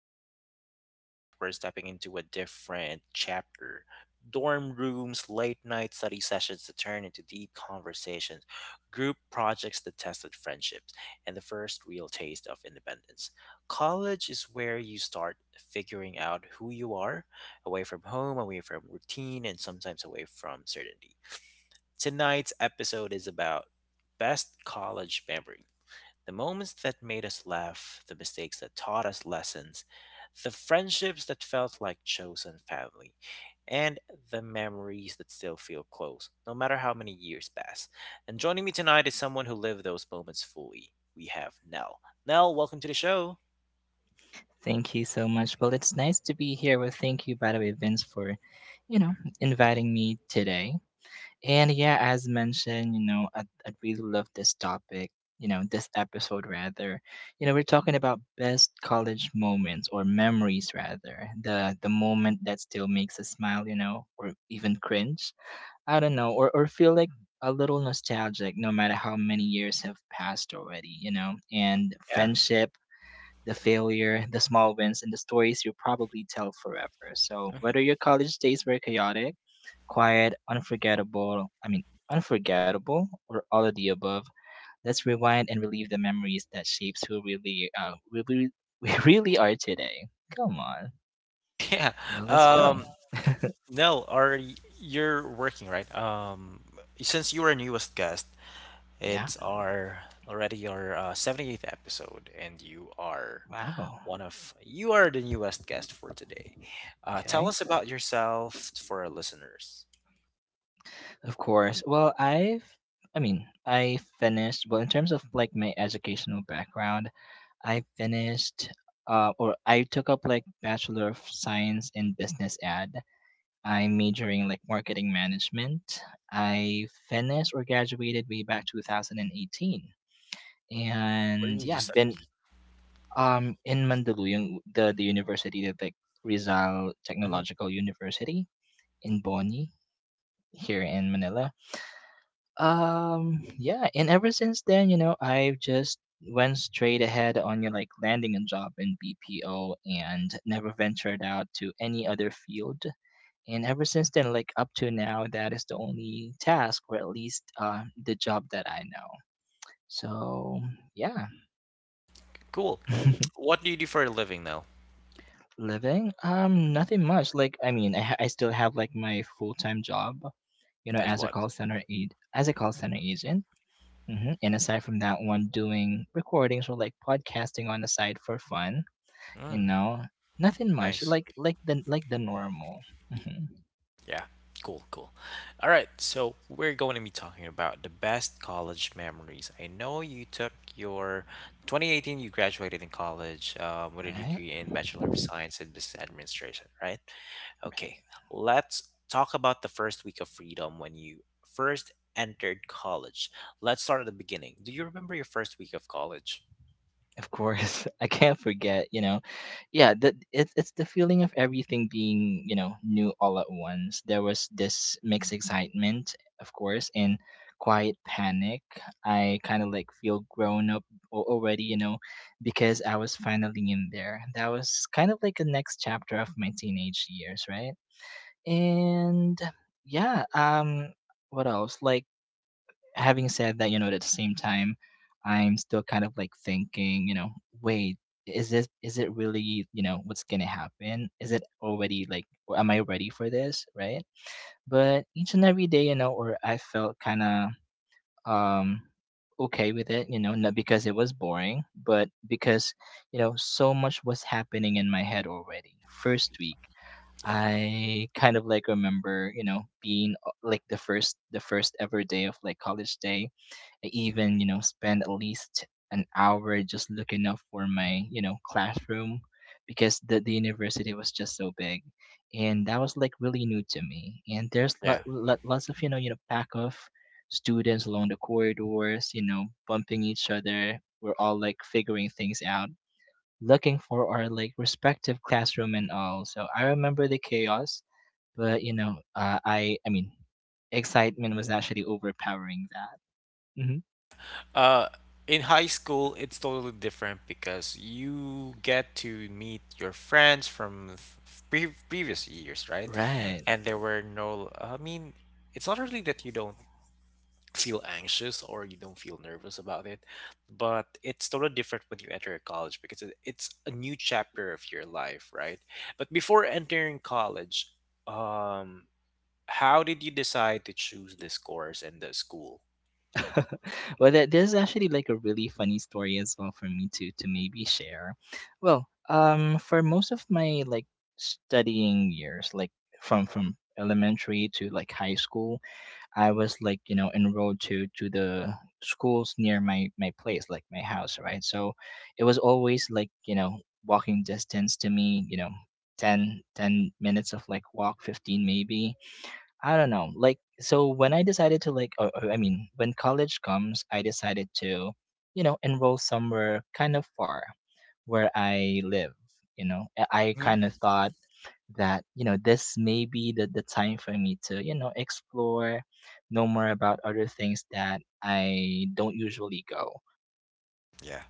with Vince, and tonight we're stepping into a different chapter. Dorm rooms, late night study sessions that turn into deep conversations, group projects that tested friendships, and the first real taste of independence. College is where you start figuring out who you are, away from home, away from routine, and sometimes away from certainty. Tonight's episode is about best college memory, the moments that made us laugh, the mistakes that taught us lessons, the friendships that felt like chosen family, and the memories that still feel close, no matter how many years pass. And joining me tonight is someone who lived those moments fully. We have Nell. Nell, welcome to the show. Thank you so much. Well, it's nice to be here. Well, thank you, by the way, Vince, for, you know, inviting me today. And yeah, as mentioned, you know, I really love this topic, you know, this episode rather. You know, we're talking about best college moments or memories rather. The moment that still makes us smile, you know, or even cringe. I don't know, or feel like a little nostalgic no matter how many years have passed already, you know, and Yeah. friendships the failure, the small wins, and the stories you'll probably tell forever. So, Mhm. whether your college days were chaotic, quiet, unforgettable, unforgettable, or all of the above, let's rewind and relive the memories that shapes who really, we really are today. Come on, Yeah. now let's go. Um, Nell, you're working, right? Since you are newest guest, Yeah. it's our already our 78th episode, and Wow. You are the newest guest for today. Tell Okay. us about yourself for our listeners. Of course. Well, I mean, I finished, well, in terms of like my educational background, I finished or I took up like Bachelor of Science in Business Ad. I'm majoring like marketing management. I finished or graduated way back 2018. Where And did you yeah, study? been in Mandaluyong, the university that like Rizal Hmm. Technological University in Boni here in Manila. Yeah, and ever since then, you know, I've just went straight ahead on you know, like landing a job in BPO and never ventured out to any other field. And ever since then, like up to now, that is the only task, or at least the job that I know. So yeah, Cool. What do you do for a living now? living nothing much. Like I mean, I still have like my full time job, you know, As as a what? Call center agent. Hmm. And aside from that one, doing recordings or like podcasting on the side for fun, you Mm, know, nothing much. nice. Like the normal. Hmm. Yeah, cool, cool. All right, so we're going to be talking about the best college memories. I know you took your 2018, you graduated in college with a Right. degree in Bachelor of Science in Business Administration, right? Okay, Right. let's talk about the first week of freedom when you first entered college. Let's start at the beginning. Do you remember your first week of college? Of course, I can't forget, you know. Yeah, the it's the feeling of everything being, you know, new all at once. There was this mixed excitement, of course, and quiet panic. I kind of like feel grown up already, you know, because I was finally in there. That was kind of like the next chapter of my teenage years, right? And yeah, what else? Like having said that, you know, at the same time, I'm still kind of like thinking, you know, wait, is it really, you know, what's gonna happen? Is it already like or am I ready for this? Right? But each and every day, you know, or I felt kinda um okay with it, you know, not because it was boring, but because, you know, so much was happening in my head already. First week, Yeah, I kind of like remember, you know, being like the first ever day of like college day I even, you know, spend at least an hour just looking up for my, you know, classroom because the university was just so big. And that was like really new to me. And there's yeah. Lots of, you know, pack of students along the corridors, you know, bumping each other. We're all like figuring things out, looking for our like respective classroom and all. So I remember the chaos, but you know, I mean, excitement was actually overpowering that. Hmm. Uh, in high school, it's totally different because you get to meet your friends from previous years, right? Right. And there were no, I mean, it's not really that you don't feel anxious or you don't feel nervous about it, but it's totally different when you enter college because it's a new chapter of your life, right? But before entering college, um, how did you decide to choose this course and the school? Well, there's actually like a really funny story as well for me to maybe share. Well, for most of my like studying years, like from elementary to like high school, I was like you know enrolled to the schools near my place, like my house, right? So it was always like you know walking distance to me, you know. Ten minutes of like walk 15 maybe I don't know. Like, so when I decided to like, or I mean, when college comes, I decided to, you know, enroll somewhere kind of far where I live. You know, I Hmm. kind of thought that you know this may be the time for me to you know explore, know more about other things that I don't usually go. Yeah,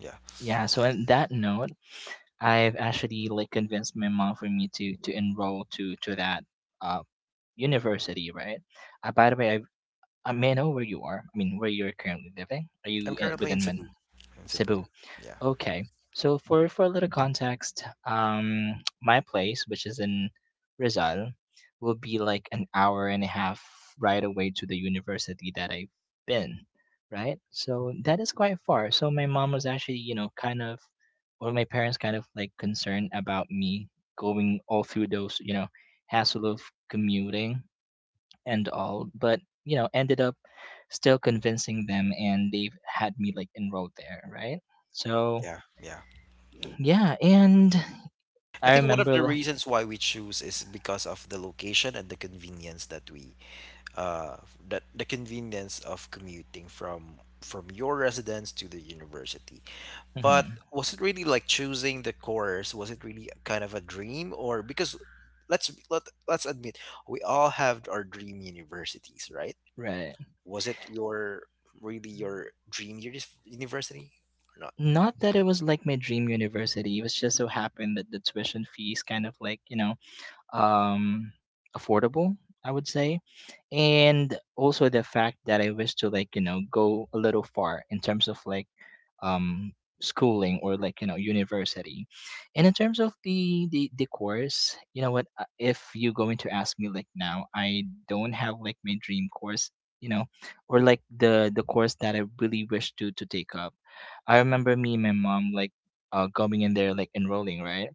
yeah. Yeah. So on that note, I've actually like convinced my mom for me to enroll to that uh university, right? By the way, I. May I know where you are? I mean, where you're currently living? Are you I'm currently in within Man- Cebu. In Cebu. Cebu? Yeah. Okay. So for a little context, my place, which is in Rizal, will be like an hour and a half ride away to the university that I've been. Right, so that is quite far. So my mom was actually, you know, kind of, or my parents kind of like concerned about me going all through those, you know, hassle of commuting and all, but you know, ended up still convincing them and they've had me like enrolled there, right? So, Yeah. Yeah. yeah, and I I think one of remember the reasons why we choose is because of the location and the convenience that we uh that the convenience of commuting from your residence to the university. But mhm, was it really like choosing the course? Was it really kind of a dream or because let's be- let, let's admit we all have our dream universities, right? right. Was it your really your dream university or Not that it was like my dream university, it was just so happened that the tuition fees kind of like, you know, um affordable, I would say. And also the fact that I wish to like, you know, go a little far in terms of like um schooling or like you know university and in terms of the course you know what if you're going to ask me like now I don't have like my dream course you know or like the course that I really wish to take up. I remember me and my mom like going in there like enrolling right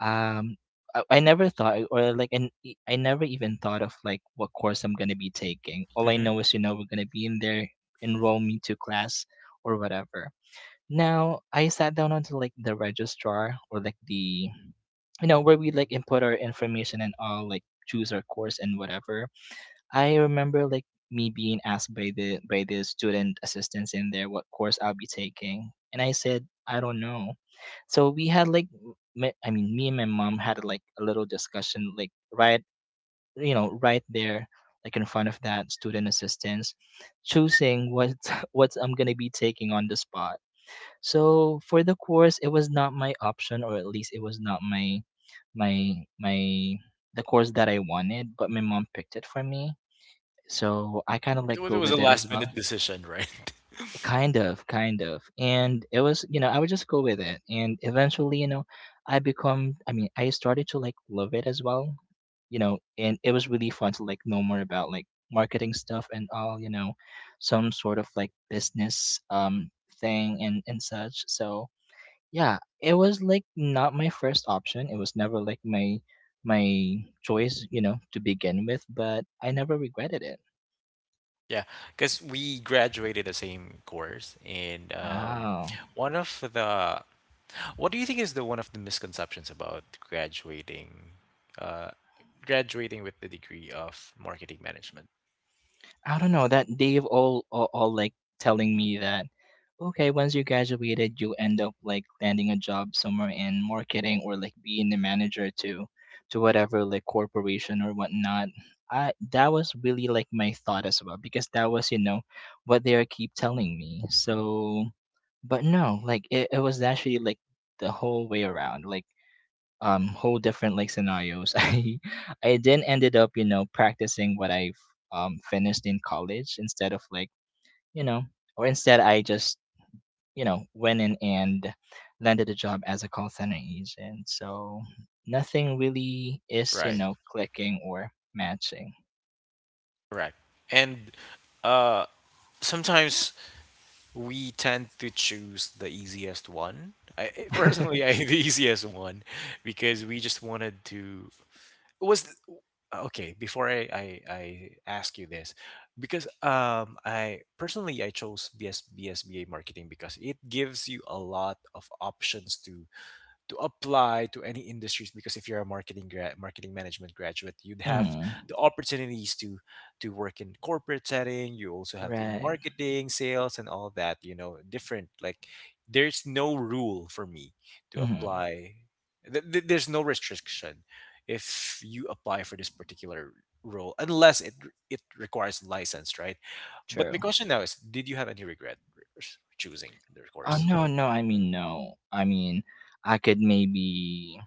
um I never thought or like I never even thought of like what course I'm gonna be taking. All I not? know is you know we're gonna be in there enroll me to class or whatever. Now I sat down onto like the registrar or like the you know where we like input our information and all like choose our course and whatever. I remember like me being asked by the student assistants in there what course I'll be taking, and I said I don't know. So we had like I mean me and my mom had like a little discussion like right you know right there like in front of that student assistants choosing what what I'm gonna be taking on the spot. So for the course, it was not my option, or at least it was not my my my the course that I wanted, but my mom picked it for me. So I kind of like It go was a with it as last well. minute decision, right? Kind of, kind of. And it was, you know, I would just go with it. And eventually, you know, I mean, I started to like love it as well. You know, and it was really fun to like know more about like marketing stuff and all, you know, some sort of like business thing and such. So yeah, it was like not my first option. It was never like my choice, you know, to begin with, but I never regretted it. Yeah, because we graduated the same course, and Oh. one of the what do you think is the one of the misconceptions about graduating, uh, graduating with the degree of marketing management? I don't know, that Dave all like telling me that okay, once you graduated, you end up like landing a job somewhere in marketing or like being the manager to whatever like corporation or whatnot. I that was really like my thought as well because that was, you know, what they are keep telling me. So. But no, like it was actually like the whole way around, like whole different like scenarios. I then ended up, you know, practicing what I've finished in college instead of like, you know, or instead I just, you know, went in and landed a job as a call center agent. So nothing really is, you Right, know, clicking or matching. correct, and uh, sometimes we tend to choose the easiest one. I personally, I the easiest one because we just wanted to was th- okay before I ask you this because I personally I chose BSBSBA marketing because it gives you a lot of options to apply to any industries because if you're a marketing management graduate you'd have Hmm. the opportunities to work in corporate setting, you also have in Right. marketing sales and all that, you know, different like there's no rule for me to Hmm. apply, there's no restriction if you apply for this particular role unless it requires license, right? But my True. question now is did you have any regret choosing the Oh, course? no, no, I mean, no. I mean, I could maybe,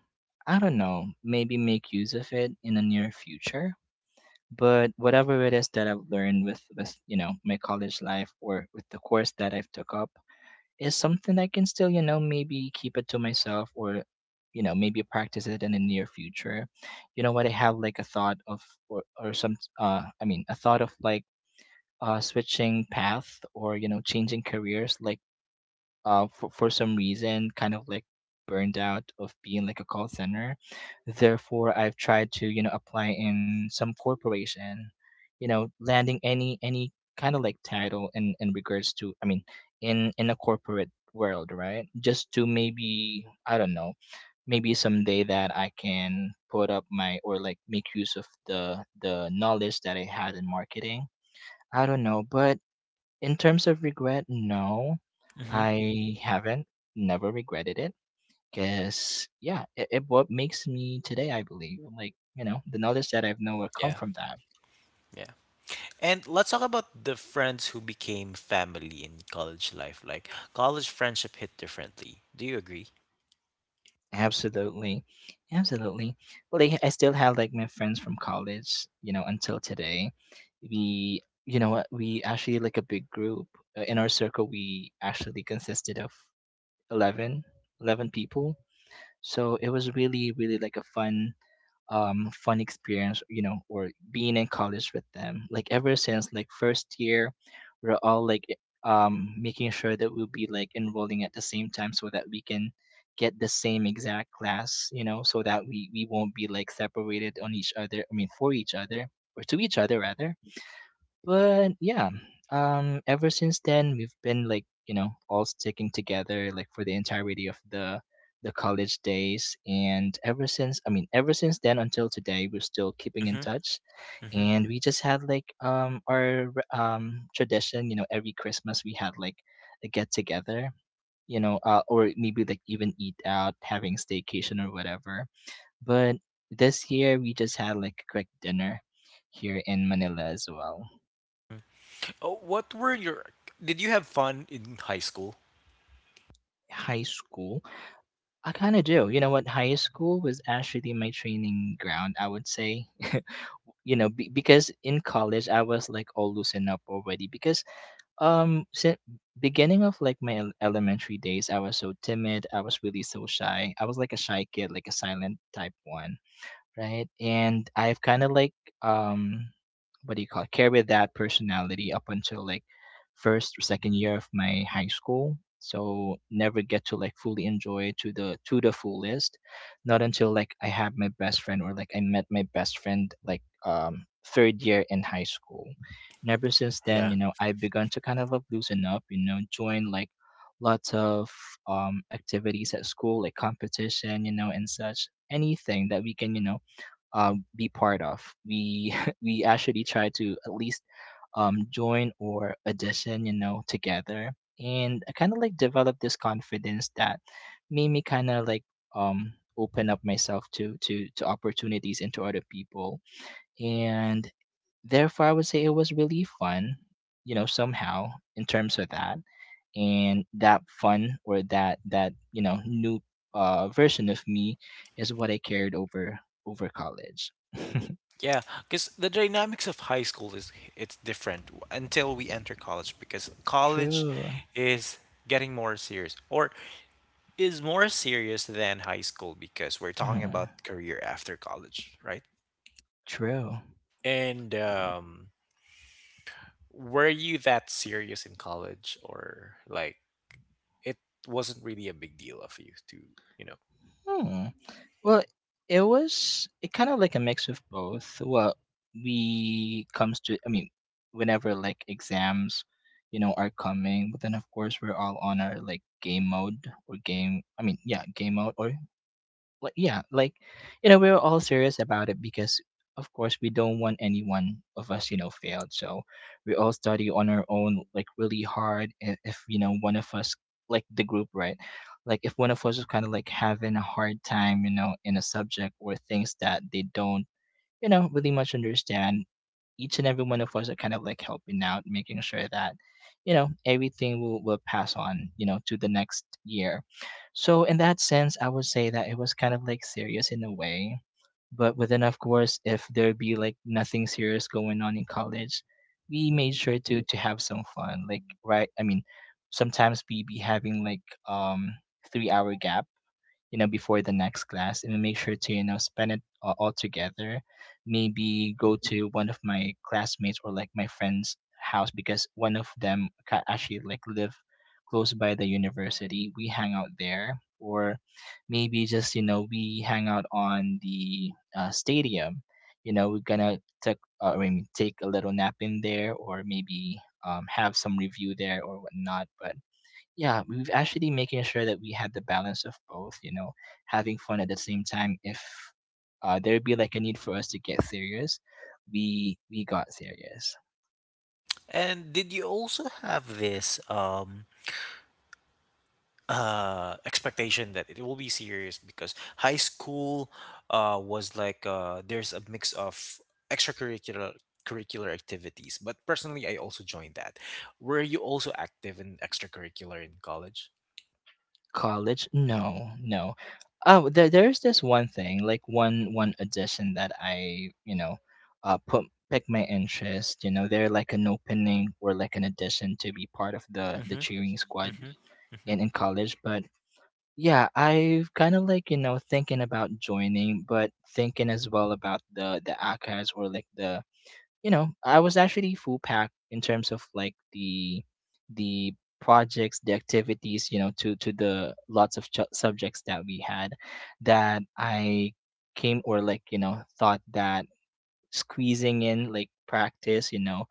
I don't know, maybe make use of it in the near future. But whatever it is that I've learned with you know, my college life or with the course that I've took up is something I can still, you know, maybe keep it to myself or, you know, maybe practice it in the near future. You know what? I have like a thought of, or some, I mean, a thought of like, switching path or, you know, changing careers, like for some reason, kind of like burned out of being like a call center. Therefore, I've tried to, you know, apply in some corporation, you know, landing any kind of like title in regards to, I mean, in a corporate world, right, just to maybe, I don't know, maybe someday that I can put up my, or like, make use of the knowledge that I had in marketing. I don't know, but in terms of regret, no, Mm-hmm. I haven't never regretted it. Cause yeah, it what makes me today, I believe. Like, you know, the knowledge that I've know will come Yeah. from that. Yeah. And let's talk about the friends who became family in college life. Like college friendship hit differently. Do you agree? Absolutely, absolutely. Like, I still have like my friends from college. You know, until today, we, you know what, we actually like a big group. In our circle, we actually consisted of 11 11 people. So it was really, really like a fun experience, you know, or being in college with them, like ever since like first year we're all like making sure that we'll be like enrolling at the same time so that we can get the same exact class, you know, so that we won't be like separated on each other, I mean, for each other, or to each other rather. But yeah, ever since then we've been like, you know, all sticking together, like for the entirety of the college days, and ever since, I mean, ever since then until today we're still keeping in Mm-hmm. touch, Mm-hmm. and we just had like, our tradition, you know, every Christmas we had like a get together, you know, or maybe like even eat out, having staycation or whatever, but this year we just had like a quick dinner here in Manila as well. Oh, what were your? Did you have fun in high school? High school. I kind of do. You know what? High school was actually my training ground, I would say. You know, because in college I was like all loosened up already, because since beginning of like my elementary days, I was so timid, I was really so shy. I was like a shy kid, like a silent type one, right? And I've kind of like, um what do you call it, carried that personality up until like first or second year of my high school. So never get to like fully enjoy it to the fullest. Not until, like, I had my best friend, or like I met my best friend like third year in high school. And ever since then, Yeah. you know, I've begun to kind of like loosen up, you know, join like lots of activities at school like competition, you know, and such, anything that we can, you know, be part of. We we actually try to at least join or audition, you know, together, and I kind of like develop this confidence that made me kind of like, open up myself to opportunities and to other people, and therefore I would say it was really fun, you know, somehow, in terms of that. And that fun, or that, you know, new version of me is what I carried over college. Yeah, because the dynamics of high school is it's different until we enter college because college True. is getting more serious, or is more serious than high school, because we're talking Mhm. about career after college, right? True. And were you that serious in college or like it wasn't really a big deal of you to, you know? Hmm. Well, it kind of like a mix of both. Well, we comes to, I mean, whenever like exams, you know, are coming, but then of course we're all on our like game mode, or game, I mean, yeah, game mode, or like yeah, like, you know, we were all serious about it, because of course we don't want any one of us, you know, failed, so we all study on our own like really hard, if you know, one of us, like the group, right, like if one of us is kind of like having a hard time, you know, in a subject or things that they don't, you know, really much understand, each and every one of us are kind of like helping out, making sure that, you know, everything will pass on, you know, to the next year. So in that sense, I would say that it was kind of like serious in a way. But within, of course, if there be like nothing serious going on in college, we made sure to have some fun. Like right, I mean, sometimes we be having like um 3-hour gaps, you know, before the next class, and make sure to, you know, spend it all together, maybe go to one of my classmates or like my friend's house, because one of them actually like live close by the university, we hang out there, or maybe just, you know, we hang out on the stadium, you know, we're gonna take, I mean, take a little nap in there, or maybe have some review there or whatnot. But yeah, we've actually making sure that we had the balance of both, you know, having fun at the same time. If there'd be like a need for us to get serious, we got serious. And did you also have this expectation that it will be serious because high school was like there's a mix of extracurricular curricular activities, but personally I also joined that, were you also active in extracurricular in college? College, no, no. Oh, there's this one thing, like one addition that I, you know, put pick my interest. You know, they're like an opening or like an addition to be part of the Mm-hmm. cheering squad Mm-hmm. Mm-hmm. in college. But yeah, I've kind of like, you know, thinking about joining, but thinking as well about the ACAS, or like the, you know, I was actually full packed in terms of like the projects, the activities, you know, to the lots of subjects that we had, that I came, or like, you know, thought that squeezing in like practice, you know,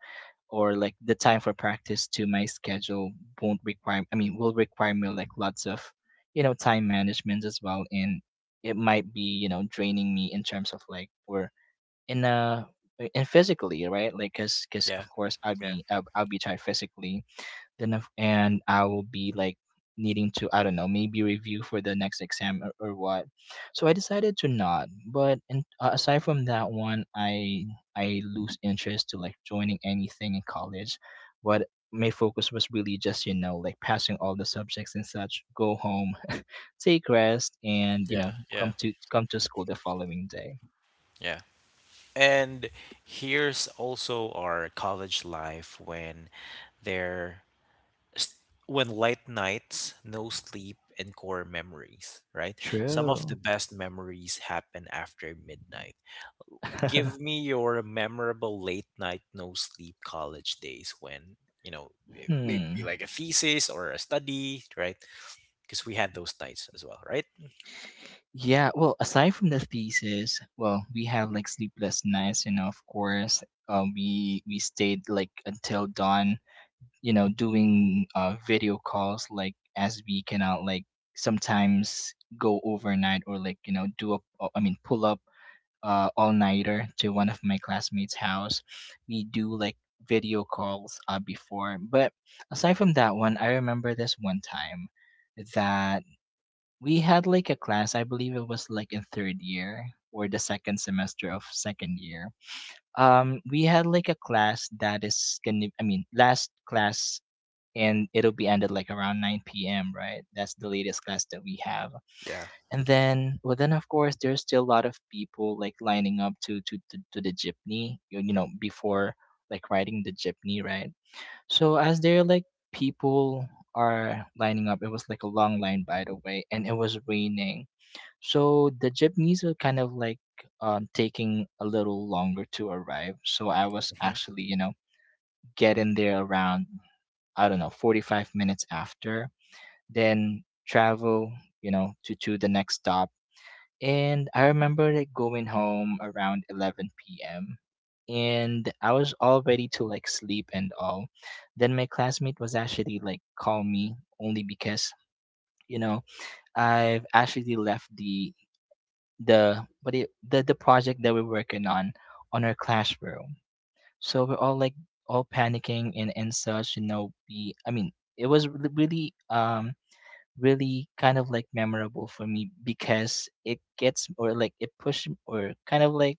or like the time for practice to my schedule won't require, I mean, will require me like lots of, you know, time management as well, and it might be, you know, draining me in terms of like, or in and physically, right, like because Yeah, of course i'll yeah. be I'll, I'll be tired physically, then if, and I will be like needing to, I don't know, maybe review for the next exam, or what. So I decided to not. But aside from that one, I lose interest to like joining anything in college. But my focus was really just, you know, like passing all the subjects and such. Go home, take rest, and you Yeah, know, yeah, come to school the following day. yeah. And here's also our college life when there s- when late nights, no sleep and core memories, right? Some of the True. best memories happen after midnight. Give me your memorable late night no sleep college days when, you know, it may be Hmm. like a thesis or a study, right? Because we had those nights as well, right? Yeah, well, aside from the thesis, well, we have like sleepless nights, you know, of course. We stayed like until dawn, you know, doing video calls, like as we cannot like sometimes go overnight, or like, you know, do up, I mean, pull up all-nighter to one of my classmates' house. We do like video calls before. But aside from that one, I remember this one time that we had like a class, I believe it was like in third year or the second semester of second year, we had like a class that is gonna, I mean, last class, and it'll be ended like around 9 p.m., right? That's the latest class that we have. Yeah. And then, well, then of course there's still a lot of people like lining up to the jeepney, you know, before like riding the jeepney, right, so as they're like people are lining up, it was like a long line, by the way, and it was raining, so the Japanese are kind of like taking a little longer to arrive. So I was Hmm. actually, you know, getting there around, I don't know, 45 minutes after, then travel, you know, to the next stop. And I remember like going home around 11 p.m. And I was all ready to like sleep and all. Then my classmate was actually like call me, only because, you know, I've actually left the what do you, the project that we're working on our classroom. So we're all like all panicking and such. We I mean it was really really kind of like memorable for me because it gets or like it pushed or kind of like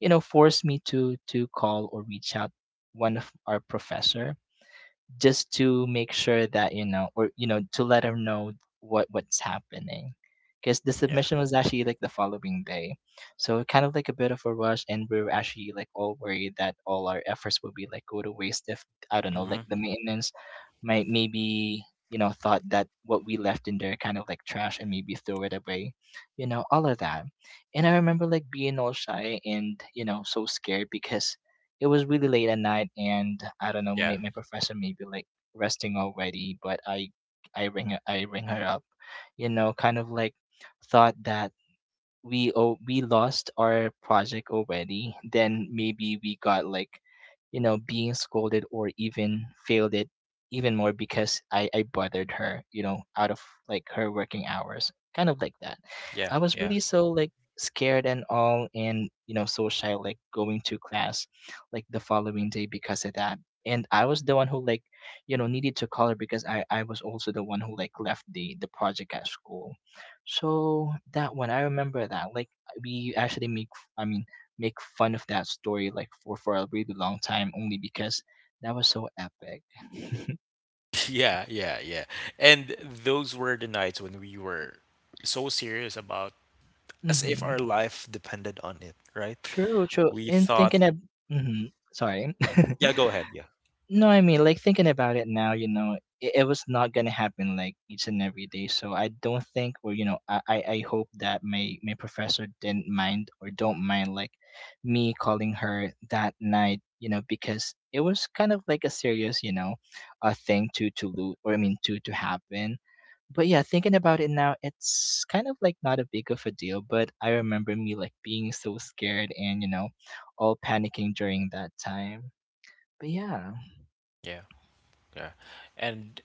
forced me to call or reach out one of our professor just to make sure that you know or you know to let him know what's happening because the Yeah. submission was actually like the following day, so kind of like a bit of a rush, and we were actually like all worried that all our efforts would be like go to waste if I don't know, like Hmm. the maintenance might maybe thought that what we left in there kind of like trash and maybe throw it away, all of that. And I remember like being all shy and so scared because it was really late at night and I don't know, my, Yeah. my professor may be like resting already, but I ring her, I ring her up, kind of like thought that we, oh, we lost our project already, then maybe we got like, being scolded or even failed it even more because I bothered her, out of like her working hours, kind of like that. Yeah. I was Yeah. really so like scared and all, and so shy like going to class, like the following day because of that. And I was the one who like, needed to call her because I was also the one who like left the project at school, so that one, I remember that. Like we actually make, f- I mean, make fun of that story like for a really long time, only because that was so epic. Yeah, yeah, yeah. And those were the nights when we were so serious about, as if our Hmm. life depended on it, right? True, true. We In thought, thinking of. Hmm. Sorry. yeah, go ahead, yeah. No, I mean, like thinking about it now, it was not gonna happen like each and every day. So I don't think, or I hope that my professor didn't mind or don't mind like me calling her that night, because it was kind of like a serious, a thing to lose, or I mean, to happen. But yeah, thinking about it now, it's kind of like not a big of a deal. But I remember me like being so scared and all panicking during that time. But yeah. Yeah, yeah. And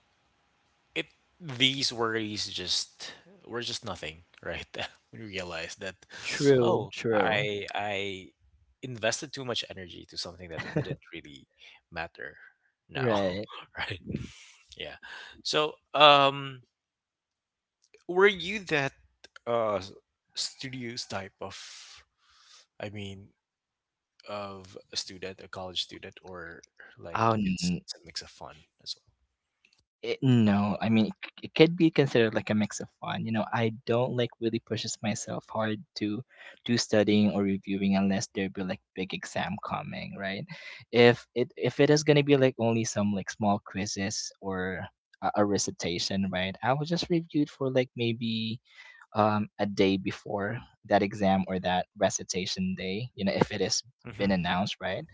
it these worries just were just nothing, right? When we realized that, True, oh, true. I invested too much energy to something that didn't really matter now, Right. right? Yeah. So, um, were you that uh s- studious type of i mean a student, a college student, or like Oh, it's a mix of fun as no. I mean, it could be considered like a mix of fun. I don't like really pushes myself hard to do studying or reviewing unless there be like big exam coming, right? If it is gonna be like only some like small quizzes or a recitation, right? I will just review it for like maybe a day before that exam or that recitation day, if it has well? Hmm. been announced, right?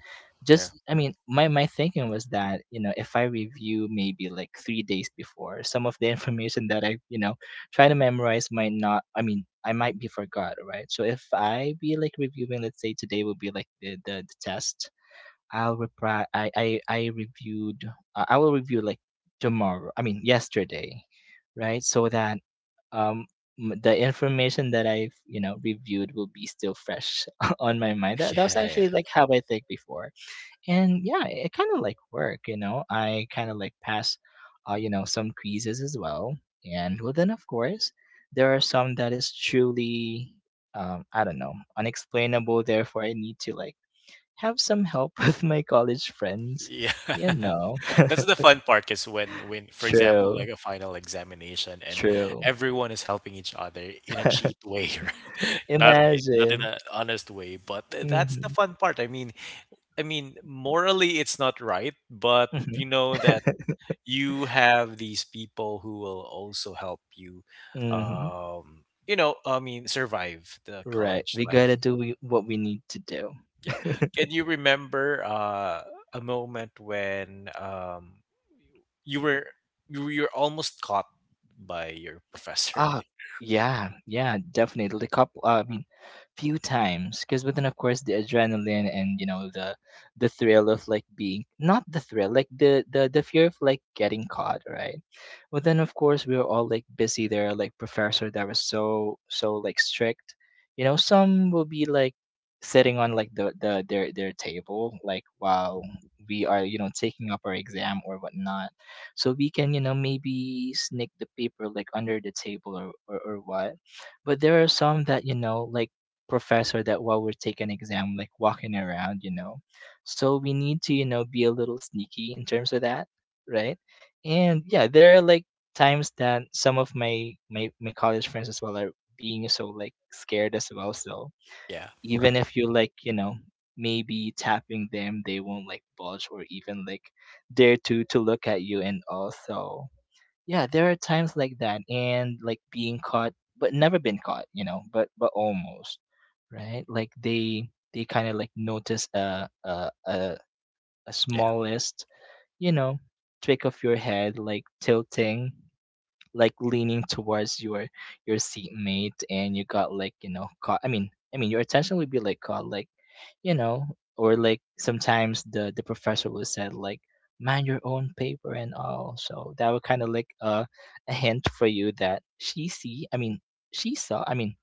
Yeah. Just, I mean, my thinking was that, if I review maybe like 3 days before, some of the information that I, try to memorize might not, I mean, I might be forgot, right? So if I be like reviewing, let's say today will be like the test, I reviewed, I will review like tomorrow, I mean, yesterday, right? So that um the information that I've reviewed will be still fresh on my mind. That was Yeah, yeah, actually like how I think before. And yeah, kind of like work, I kind of like pass some quizzes as well. And well, then of course there are some that is truly I don't know, unexplainable, therefore I need to like have some help with my college friends yeah. you know That's the fun part, is when for example True, like a final examination, and true. everyone is helping each other in a cheat way, right, not in not in Imagine. an honest way, but that's the Hmm. fun part, I mean morally it's not right, but Hmm. you know that you have these people who will also help you, Hmm. um, you know, I mean survive the Right. college We gotta life. do what we need to do. Yeah. Can you remember a moment when you were you're almost caught by your professor? Oh, yeah, yeah, definitely. Couple, I mean, few times. Because, but then of course the adrenaline and the thrill of like being not the thrill, like the fear of like getting caught, right? But then of course we were all like busy there, are like professor that was so like strict. Some will be like sitting on like the their table, like while we are taking up our exam or whatnot, so we can maybe sneak the paper like under the table, or what. But there are some that like professor that while we're taking exam like walking around. So we need to be a little sneaky in terms of that, right? And yeah, there are like times that some of my college friends as well are being so like scared as well, so Yeah. even Right. if you like maybe tapping them, they won't like budge or even like dare to look at you. And also, yeah, there are times like that, and like being caught but never been caught, you know, but almost, right? Like they kind of like notice a Yeah. smallest, you know trick of your head like tilting, like leaning towards your seatmate, and you got like caught. I mean your attention would be like caught, like, you know. Or like sometimes the professor would said like, "Mind your own paper," and all, so that would kind of like a hint for you that she saw, I mean,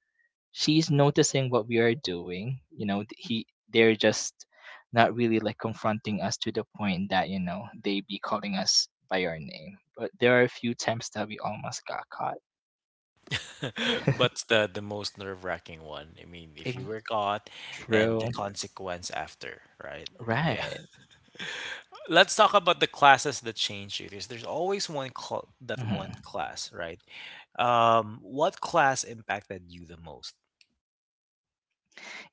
she's noticing what we are doing, he, they're just not really like confronting us to the point that they be calling us by our name. But there are a few times that we almost got caught. But the most nerve-wracking one. I mean, if you Ex- were caught and the True. consequence after, right? Yeah. Right. Let's talk about the classes that change you. There's always one cl- that one Hmm. class, right? What class impacted you the most?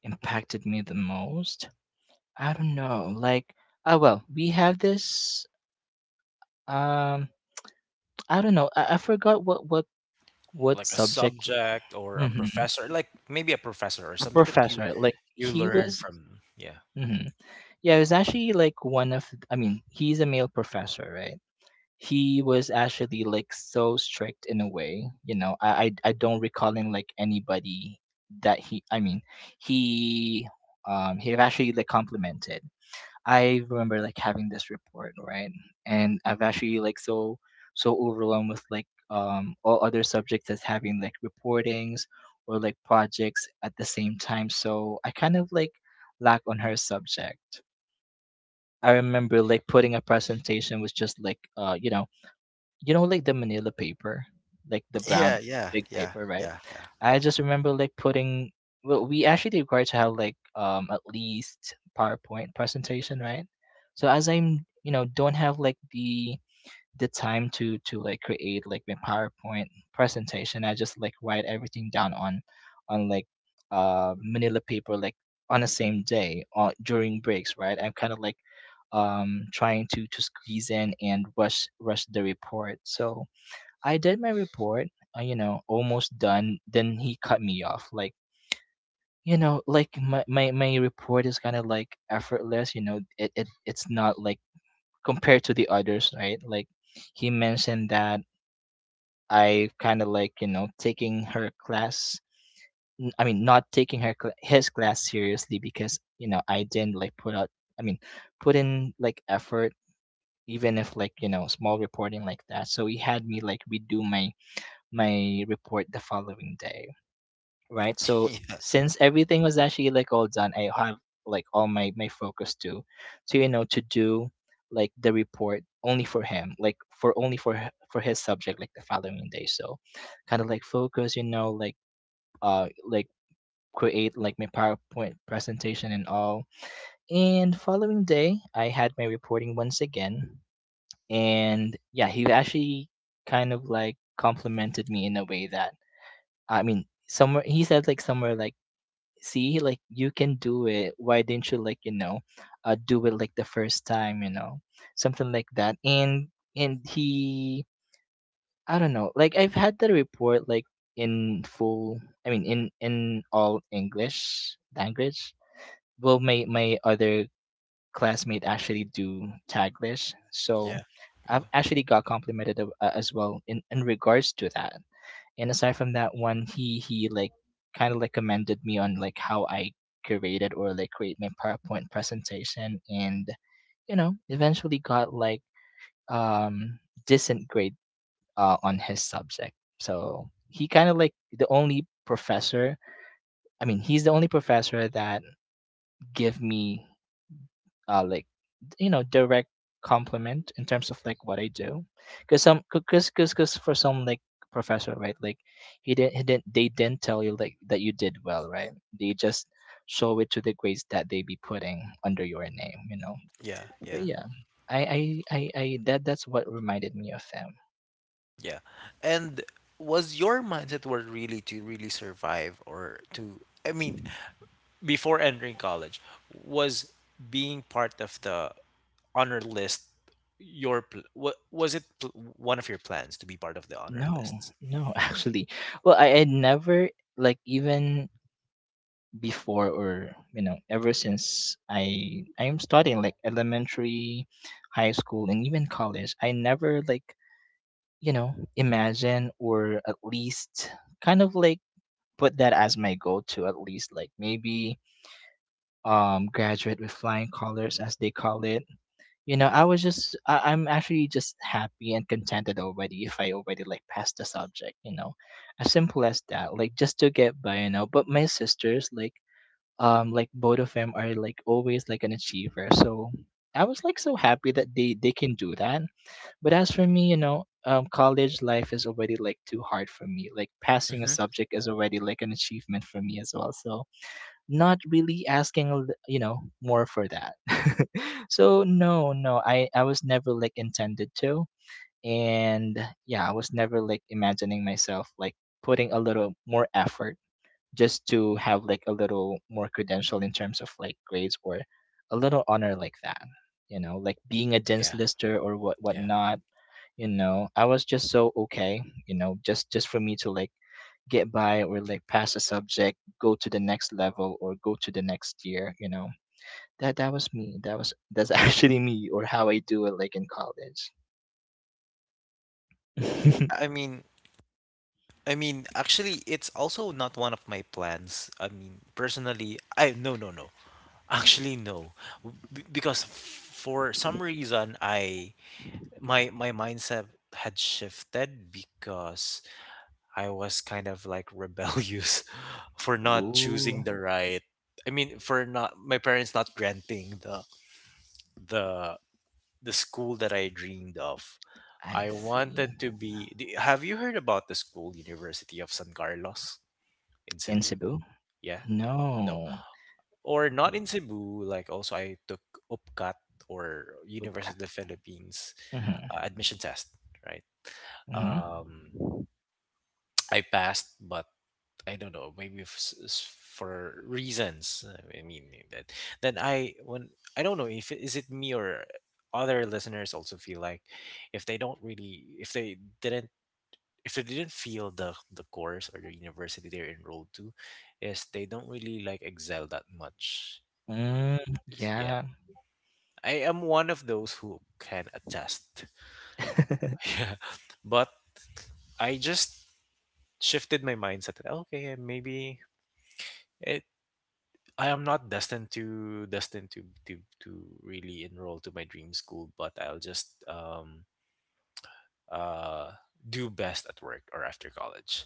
Impacted me the most. I don't know, like, oh well, we have this um I don't know, I forgot what Like a subject. subject or a Hmm. professor, like maybe a professor or A something that you professor, like, you he learn was. from. Yeah. Mhm. Yeah, it was actually like one of, I mean, he's a male professor, right? He was actually like so strict in a way, you know. I don't recalling like anybody that he he actually like complimented. I remember like having this report, right? And I've actually like so overwhelmed with like all other subjects as having like reportings or like projects at the same time. So I kind of like lack on her subject. I remember like putting a presentation was just like like the manila paper, like the Yeah, brown yeah, big yeah, paper, right? yeah, yeah. I just remember like putting, well, we actually required to have like at least PowerPoint presentation, right? So as I'm, don't have like the time to like create like my PowerPoint presentation. I just like write everything down on like manila paper, like on the same day or during breaks, right? I'm kind of like trying to squeeze in and rush the report. So I did my report, almost done. Then he cut me off like, like my report is kind of like effortless, it's not like compared to the others, right? Like he mentioned that I kind of like taking her class. Not taking his class seriously because I didn't like put out. I mean, put in like effort, even if like small reporting like that. So he had me like redo my report the following day, right? So since everything was actually like all done, I have like all my focus to to do like the report only for him, like for only for h- for his subject like the following day. So kind of like focus, like create like my PowerPoint presentation and all. And following day, I had my reporting once again, and yeah, he actually kind of like complimented me in a way that, I mean, somewhere he said like, somewhere like, see, like, you can do it, why didn't you like, do it like the first time, you know, something like that. And he, I don't know, like I've had the report like in full, I mean, in all English language. Well, my other classmate actually do taglish, Yeah. so Yeah. I've actually got complimented as well in regards to that. And aside from that one, he like kind of like commended me on like how I curated or like create my PowerPoint presentation, and eventually got like um decent grade, on his subject. So he kind of like the only professor, I mean, he's the only professor that give me like, direct compliment in terms of like what I do. Because some, because for some like professor, right, like he didn't they didn't tell you like that you did well, right? They just show it to the grades that they be putting under your name, you know. Yeah, But yeah. yeah, I I I that's what reminded me of them. Yeah. And was your mindset were really to really survive or to I mean, before entering college, was being part of the honor list your one of your plans to be part of the honor No, lists? no. Actually, well, I never like even before, or ever since I'm studying like elementary, high school, and even college, I never like, imagine, or at least kind of like put that as my goal to at least like maybe graduate with flying colors, as they call it. I was just I'm actually just happy and contented already if I already like passed the subject, you know. As simple as that, like just to get by, you know. But my sisters like, like both of them are like always like an achiever, so I was like so happy that they can do that. But as for me, College life is already like too hard for me, like passing a Hmm. subject is already like an achievement for me as well, so not really asking you know more for that. So no, I was never like intended to. And Yeah, I was never like imagining myself like putting a little more effort just to have like a little more credential in terms of like grades or a little honor like that, you know, like being a dense Yeah, lister or yeah. whatnot. You know, I was just so okay, you know, just for me to like get by or like pass a subject, go to the next level or go to the next year, you know. That was me, that was, that's actually me, or how I do it, like in college. I mean, I mean, actually, it's also not one of my plans. I mean, personally, I no, no, no. Actually, no, because for some reason, I my my mindset had shifted because I was kind of like rebellious for not choosing Ooh, the right. I mean, for not my parents not granting the the the school that I dreamed of. I I see. wanted to be. Have you heard about the school, University of San Carlos in In Cebu? Cebu? Yeah, no, No. or not in Cebu. Like also, I took UPCAT or Okay. University of the Philippines Mm-hmm. Admission test, right? Mm-hmm. Um, I passed, but I don't know, maybe for reasons. Uh, I mean eh, that then I when I don't know if is it me or other listeners also feel like if they don't really if they didn't feel the course or the university they're enrolled to is they don't really like excel that much. Y- Mm, Yeah. yeah. I am one of those who can attest. Yeah. But I just shifted my mindset, that, "Oh, okay, maybe it I am not destined to really enroll to my dream school, but I'll just uh do best at work or after college."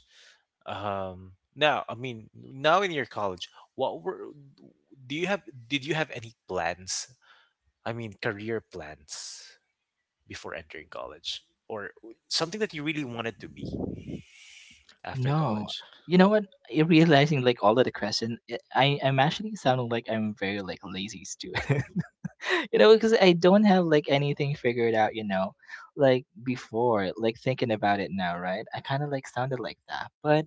Um, now, I mean, now in your college, what were do you have did you have any plans? I mean, career plans before entering college or something that you really wanted to be after No. college? You know what? Realizing like all of the question, I I'm actually sounding like I'm very like lazy too. You know, because I don't have like anything figured out. You know, like before, like thinking about it now, right? I kind of like sounded like that. But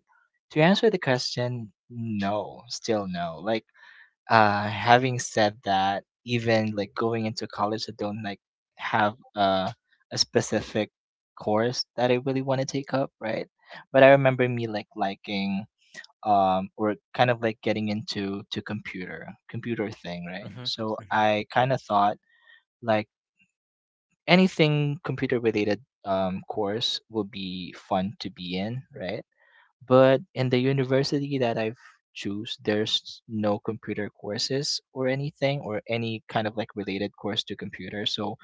to answer the question, no, still no. Like having said that, even like going into college, I don't like have a specific course that I really want to take up, right? But I remember me like liking or kind of like getting into to computer thing, right? Mhm. So I kind of thought like anything computer related course will be fun to be in, right? But in the university that I've choose, there's no computer courses or anything or any kind of like related course to computer. So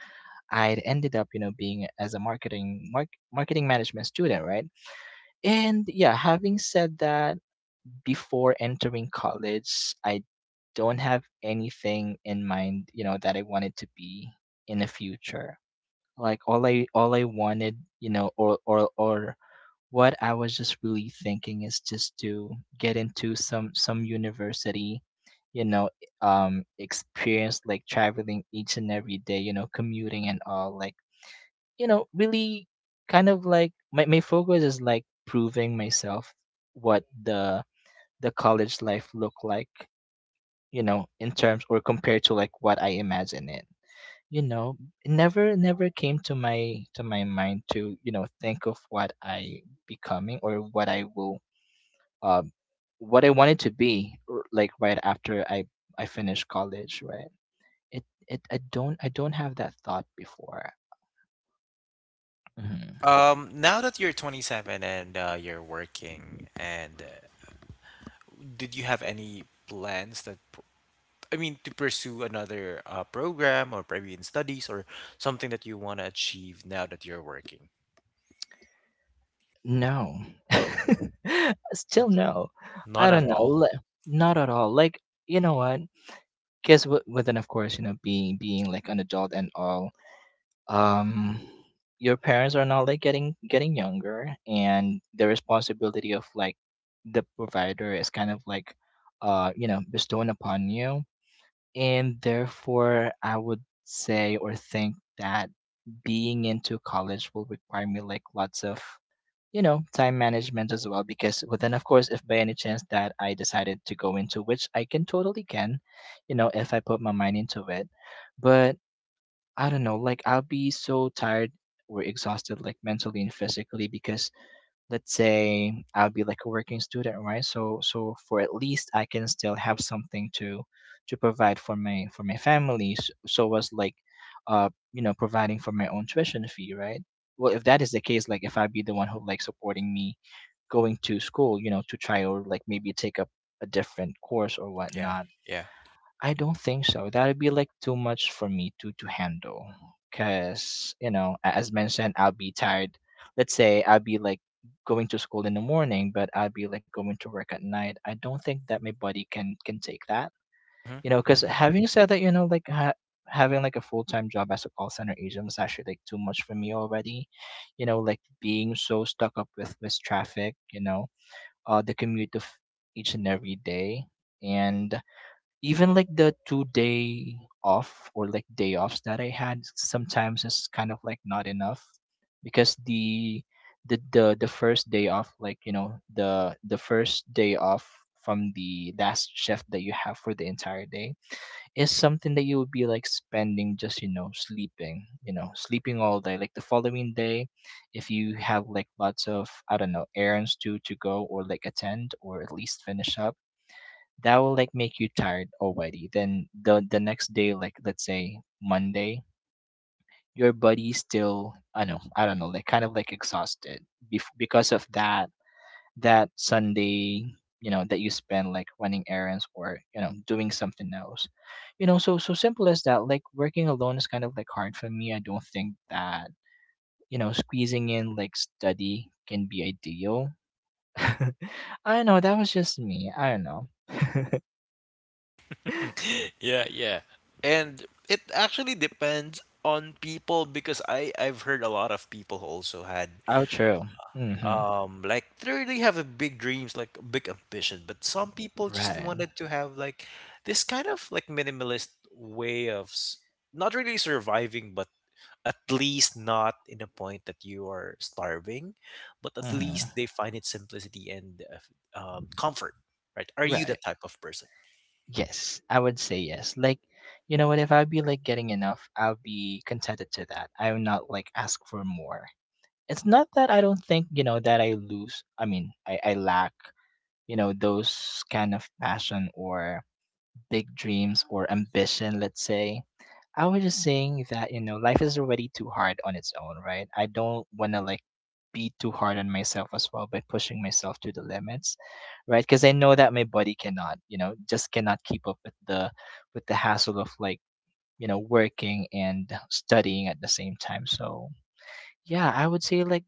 I ended up, you know, being as a marketing marketing management student, right? And yeah, having said that, before entering college, I don't have anything in mind, you know, that I wanted to be in the future. Like all I wanted, you know, or what I was just really thinking is just to get into some university, you know, experience like traveling each and every day, you know, commuting and all, like you know, really kind of like my focus is like proving myself what the college life looked like, you know, in terms or compared to like what I imagine it. You know, it never came to my mind to, you know, think of what I becoming or what I will um, what I wanted to be like right after I finished college, right? It, I don't have that thought before. Mhm. Now that you're 27 and you're working, and did you have any plans that, I mean, to pursue another program or maybe in studies or something that you want to achieve now that you're working? No, still no. None I at don't know. all. Not at all. Like you know what? Because within of course you know being like an adult and all, um, your parents are not like getting younger, and the responsibility of like the provider is kind of like you know bestowed upon you. And therefore, I would say or think that being into college will require me like lots of, you know, time management as well. Because, but then, of course, if by any chance that I decided to go into which I can totally can, you know, if I put my mind into it. But I don't know, like I'll be so tired or exhausted, like mentally and physically, because let's say I'll be like a working student, right? So so for at least I can still have something to provide for my family. So, so was like you know providing for my own tuition fee, right? Well, if that is the case, like if I be the one who like supporting me going to school, you know, to try or like maybe take up a different course or Yeah, whatnot, yeah. I don't think so. That'd be like too much for me to handle. Cause you know, as mentioned, I'll be tired. Let's say I'll be like going to school in the morning, but I'll be like going to work at night. I don't think that my body can take that. You know, because Mm-hmm. having said that, you know, having like a full time job as a call center agent was actually like too much for me already. You know, like being so stuck up with traffic. You know, the commute of each and every day, and even like the 2 day off or like day offs that I had sometimes, it's kind of like not enough because the first day off, like you know, the first day off from the last shift that you have for the entire day is something that you would be like spending just you know sleeping, you know, sleeping all day, like the following day if you have like lots of, I don't know, errands to go or like attend or at least finish up, that will like make you tired already. Then the next day, like let's say Monday, your body's still, I know, I don't know, like kind of like exhausted because of that Sunday, you know, that you spend like running errands or you know doing something else. You know, so so simple as that. Like working alone is kind of like hard for me. I don't think that you know squeezing in like study can be ideal. I don't know. That was just me. I don't know. Yeah, yeah. And it actually depends on people because I I've heard a lot of people who also had Outro. Mm-hmm. Like they really have a big dreams, like a big ambition, but some people just Right. wanted to have like this kind of like minimalist way not really surviving, but at least not in a point that you are starving, but at least Mm-hmm. they find its simplicity and comfort, right? Are you Right. that type of person? Yes, I would say yes. Like, you know what? If I'd be like getting enough, I'll be contented to that. I will not like ask for more. It's not that I don't think you know that I lose. I mean, I lack, you know, those kind of passion or big dreams or ambition. Let's say I was just saying that, you know, life is already too hard on its own, right? I don't want to like be too hard on myself as well by pushing myself to the limits, right? Because I know that my body cannot, you know, just cannot keep up with the hassle of like, you know, working and studying at the same time. So, yeah, I would say like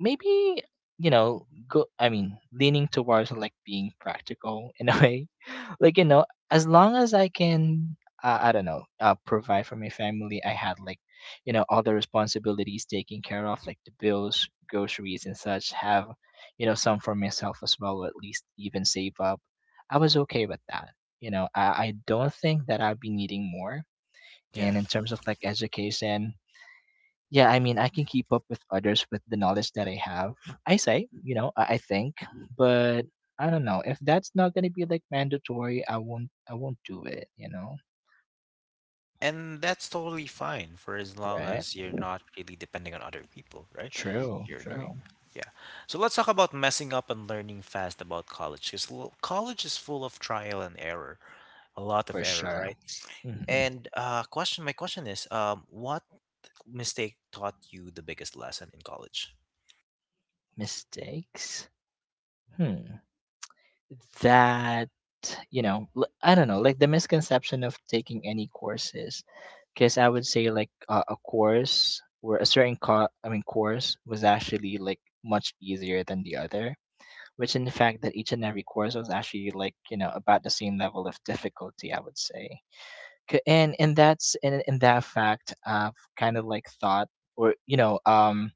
maybe you know go, I mean, leaning towards like being practical in a way, like you know as long as I can, I don't know, provide for my family, I had like you know all the responsibilities taken care of like the bills, groceries, and such, have you know some for myself as well, or at least even save up. I was okay with that. You know, I don't think that I'd be needing more. Yeah. And in terms of like education, yeah, I mean, I can keep up with others with the knowledge that I have. I say, you know, I think, but I don't know, if that's not gonna be like mandatory, I won't, do it. You know, And that's totally fine for as long right? as you're not really depending on other people, right? True, You're doing, true, yeah. So let's talk about messing up and learning fast about college because college is full of trial and error, a lot of for error, sure. right? Hmm. And question, my question is, what mistake taught you the biggest lesson in college? Mistakes. Hmm. That you know, I don't know, like the misconception of taking any courses, because I would say like a course or I mean course was actually like much easier than the other, which in fact that each and every course was actually like you know about the same level of difficulty, I would say. And that's in that fact, I've kind of like thought or you know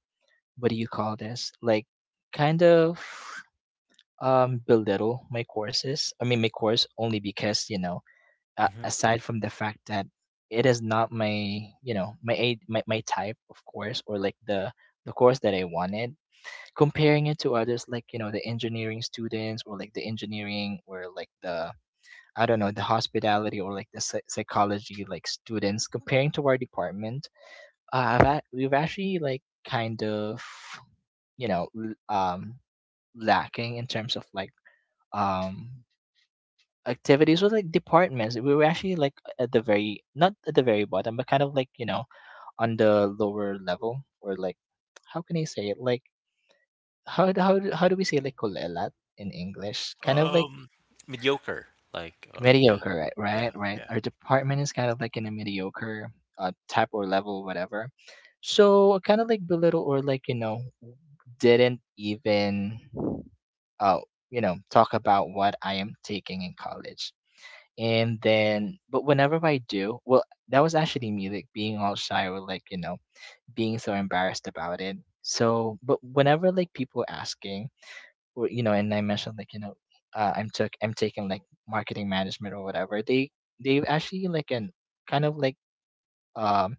what do you call this, like kind of belittle my courses I mean my course only because you know, Hmm. aside from the fact that it is not my, you know, my type of course or like the course that I wanted, comparing it to others, like you know the engineering students or like the engineering or like the I don't know the hospitality or like the psychology like students, comparing to our department, we've actually like kind of, you know lacking in terms of like um activities or like departments. We were actually like at the very, not at the very bottom, but kind of like you know on the lower level, or like how can I say it, like how do we say, like kulelat in English? Kind of like Um, mediocre, like, or yeah, mediocre, right? Right, yeah, right. yeah. Our department is kind of like in a mediocre type or level, whatever. So kind of like belittle or like you know didn't even uh you know talk about what I am taking in college. And then, but whenever I do, well, that was actually me, like being all shy or like you know being so embarrassed about it. So, but whenever like people asking and I mentioned I'm taking like marketing management or whatever. They actually like an kind of like um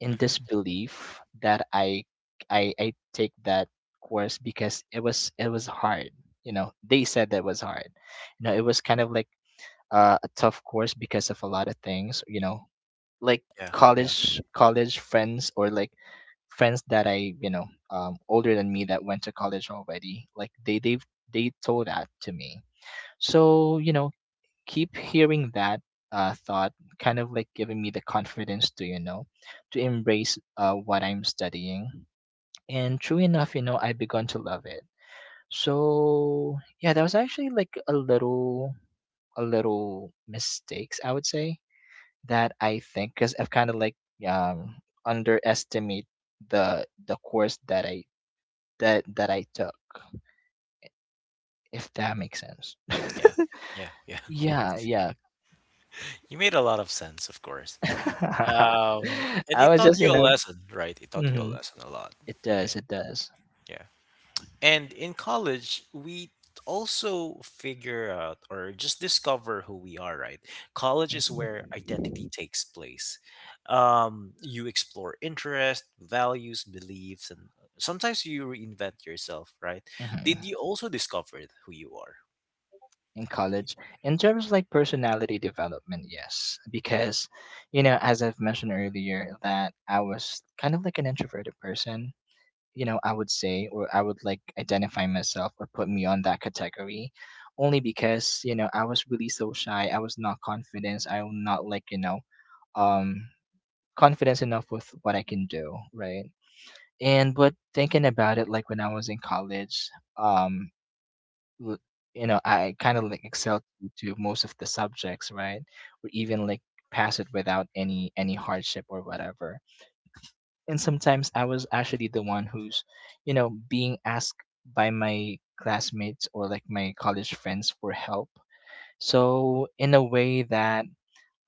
in Hmm. disbelief that I take that course because it was hard. You know, they said that it was hard. You know, it was kind of like a tough course because of a lot of things. Like Yeah, yeah, college friends or like friends that I, older than me, that went to college already. Like they told that to me. So keep hearing that thought, kind of like giving me the confidence to to embrace what I'm studying. And true enough, you know, I begun to love it. So yeah, that was actually like a little mistakes, I would say that I think because I've kind of like um underestimate the course that I took, if that makes sense. yeah, yeah, yeah. Yeah, yeah. You made a lot of sense, of course. And I it was taught just you you a know, lesson, right? It taught you a hmm, lesson a lot. it And does, it does. yeah. And in college, we also figure out or just discover who we are, right? College is Hmm. where identity takes place. You explore interests, values, beliefs, and sometimes you reinvent yourself, right? Did Hmm. you also discover who you are? In college, in terms of like personality development, yes, because you know, as I've mentioned earlier, that I was kind of like an introverted person. You know, I would say, or I would like identify myself or put me on that category only because, you know, I was really so shy. I was not confident. I was not like, um, confident enough with what I can do. Right. And, but thinking about it, like when I was in college, um, l- I kind of like excelled to most of the subjects, right? Or even like pass it without any hardship or whatever, and sometimes I was actually the one who's, you know, being asked by my classmates or like my college friends for help. So in a way that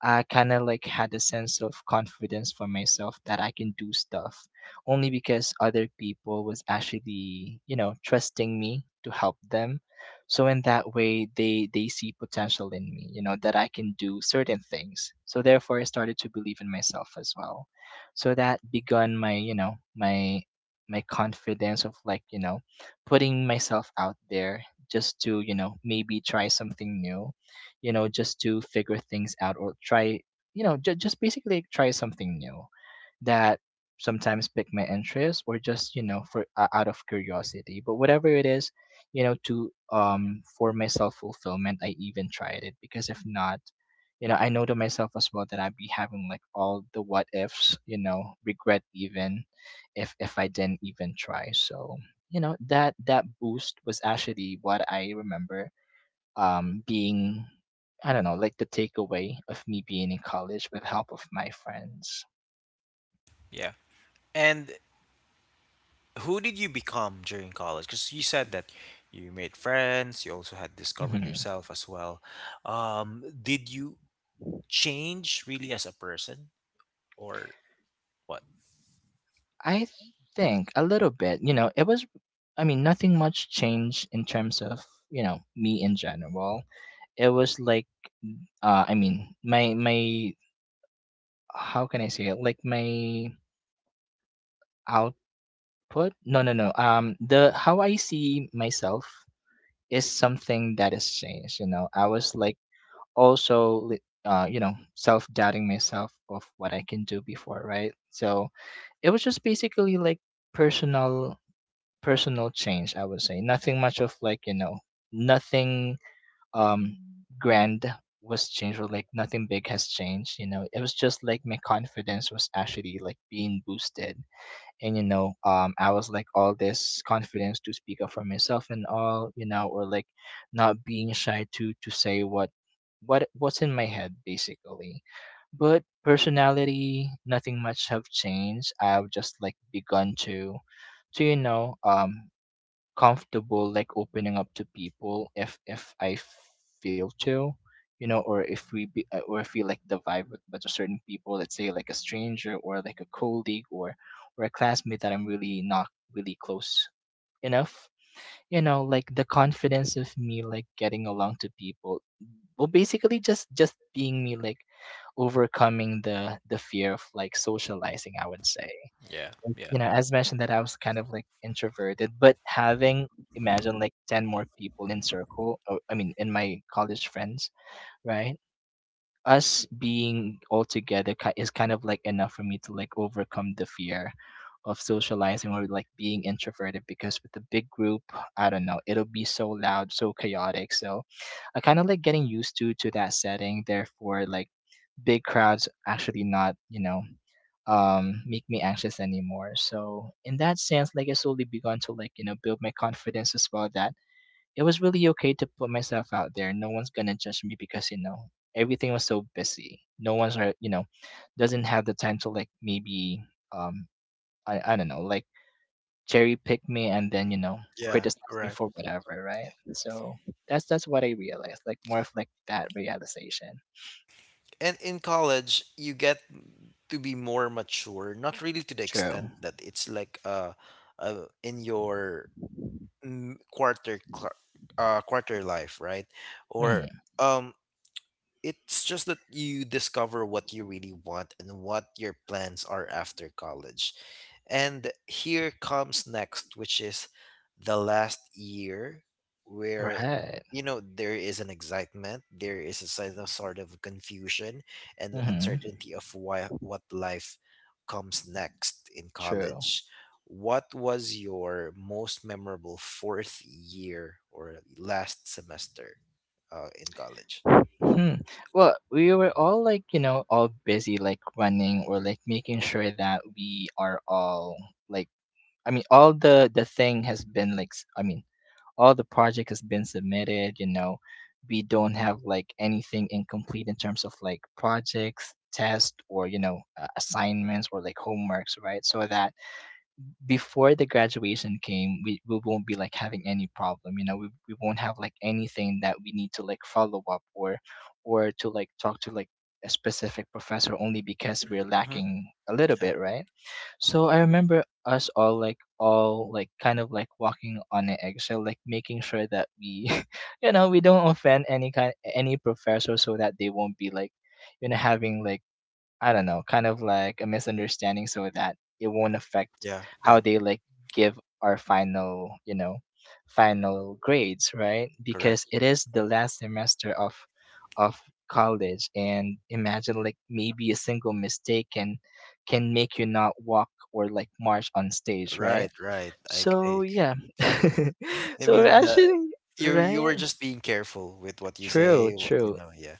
I kind of like had a sense of confidence for myself that I can do stuff only because other people was actually, you know, trusting me to help them. So in that way they see potential in me, you know, that I can do certain things. So therefore I started to believe in myself as well. So that begun my, my confidence of like, you know, putting myself out there just to, you know, maybe try something new. You know, just to figure things out or try, you know, just basically try something new that sometimes pick my interest or just, you know, for out of curiosity. But whatever it is, you know, to for my self fulfillment, I even tried it because if not, you know, I know to myself as well that I'd be having like all the what ifs, you know, regret even if I didn't even try. So, you know, that boost was actually what I remember being, I don't know, like the takeaway of me being in college with help of my friends. Yeah. And who did you become during college? Because you said that you made friends, you also had discovered Mhm. yourself as well. Did you change really as a person? Or what? I think a little bit, you know, it was, I mean, nothing much changed in terms of, you know, me in general. It was like, I mean, how can I say it? Like my output? No, no, no. The, how I see myself is something that has changed, you know. I was like, also you know, self-doubting myself of what I can do before, right? So it was just basically like personal personal change, I would say. Nothing much of like you know, nothing um grand was changed, or like nothing big has changed. You know, it was just like my confidence was actually like being boosted. And you know, I was like all this confidence to speak up for myself and all, you know, or like not being shy to say what what's in my head basically. But personality, nothing much have changed. I've just like begun to you know, comfortable like opening up to people if I feel to, you know, or if we be or feel like the vibe with a certain people, let's say like a stranger or like a colleague or a classmate that I'm really not really close enough. You know, like the confidence of me like getting along to people. Well, basically just being me, like overcoming the fear of like socializing, I would say. Yeah, yeah. You know, as mentioned that I was kind of like introverted, but having imagine like 10 more people in circle, or, I mean, in my college friends, right? Us being all together is kind of like enough for me to like overcome the fear of socializing or like being introverted, because with the big group, I don't know, it'll be so loud, so chaotic. So I kind of like getting used to that setting. Therefore, like big crowds actually not you know make me anxious anymore. So in that sense, like I slowly begun to like you know build my confidence as well, that it was really okay to put myself out there. No one's gonna judge me because you know everything was so busy. No one's you know, doesn't have the time to like maybe um I don't know, like cherry pick me and then you know Yeah, criticize me correct. for whatever, right? So that's what I realized, like more of like that realization. And in college, you get to be more mature, not really to the True. extent that it's like in your mm, quarter cl- quarter life, right? Or Mm. um, it's just that you discover what you really want and what your plans are after college. And here comes next, which is the last year where, Right. you know, there is an excitement, there is a sort of confusion and Mm-hmm. uncertainty of why, what life comes next in True. college. What was your most memorable fourth year or last semester in college? Hmm. Well, we were all like, you know, all busy like running or like making sure that we are all like, I mean, all the thing has been like I mean all the project has been submitted, you know. We don't have like anything incomplete in terms of like projects, tests or you know, assignments or like homeworks, right? So that before the graduation came, we won't be like having any problem. You know, we won't have like anything that we need to like follow up or to like talk to like a specific professor only because we're Mhm. lacking a little bit, right? So I remember us all like kind of like walking on an eggshell, like making sure that we you know we don't offend any professor, so that they won't be like you know having like, I don't know, kind of like a misunderstanding, so that it won't affect Yeah, how yeah, they like give our final grades, right? Because correct. it is the last semester of of college, and imagine like maybe a single mistake can make you not walk or like march on stage, right? Right, right. So yeah. feel that. I So we're mean, the actually you you right? were just being careful with what you True, say. What you true. know, yeah,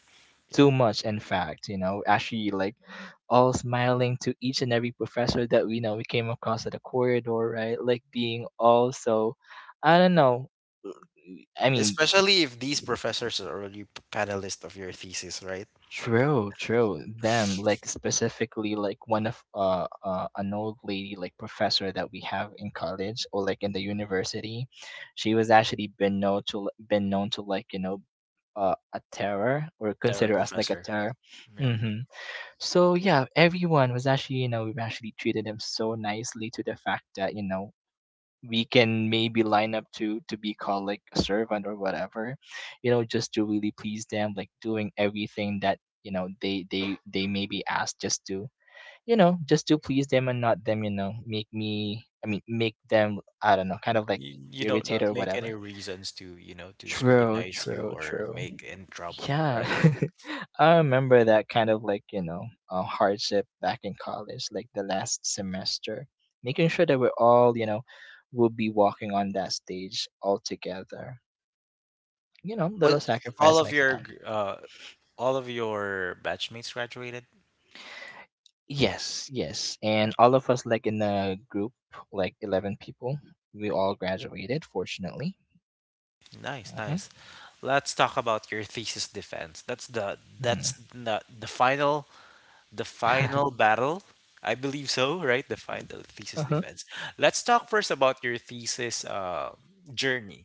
yeah. Too much, in fact, you know, actually like all smiling to each and every professor that we know we came across at the corridor, right? Like being all so, I don't know. I mean, Especially if these professors are already panelists of your thesis, right? true, true. Them like specifically like one of an old lady like professor that we have in college or like in the university, she was actually been known to like you know a terror, or They're a consider us like a professor. terror. Yeah. Hmm. So yeah, everyone was actually, you know, we've actually treated him so nicely, to the fact that, you know, we can maybe line up to be called like a servant or whatever, you know, just to really please them, like doing everything that, you know, they maybe ask, just to, you know, just to please them and not them, you know, make me, I mean, make them, I don't know, kind of like You don't irritated not or make any whatever. reasons to, you know, to True, scrutinize you true, or true. make in trouble, Yeah, right? I remember that kind of like, you know, hardship back in college, like the last semester, making sure that we're all, you know, will be walking on that stage all together. You know, Well, little all sacrifice of like your that. gr- uh all of your batchmates graduated? Yes, yes. And all of us, like in the group, like 11 people, we all graduated, fortunately. Nice, Uh-huh. nice. Let's talk about your thesis defense. That's the Mm-hmm. that's the the final. The final battle? I believe so, right? The final thesis Uh-huh. defense. Let's talk first about your thesis journey.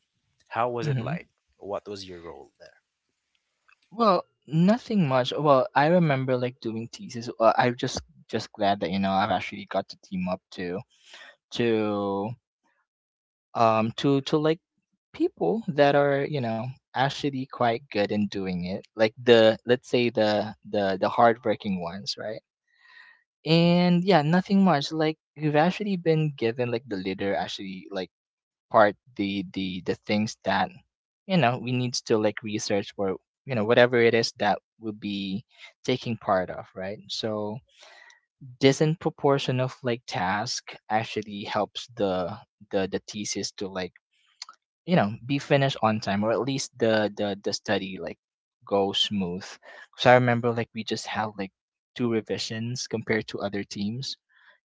How was it Mm-hmm. like? What was your role there? Well, nothing much. Well, I remember like doing thesis. I'm just glad that you know I've actually got to team up to to to like people that are you know actually quite good in doing it. Like the, let's say the the hardworking ones, right? And yeah, nothing much. Like we've actually been given like the leader actually like apart the things that you know we need to like research or you know whatever it is that we'll be taking part of, right? So this in proportion of like task actually helps the thesis to like you know be finished on time, or at least the study like go smooth because I remember like we just had like two revisions compared to other teams.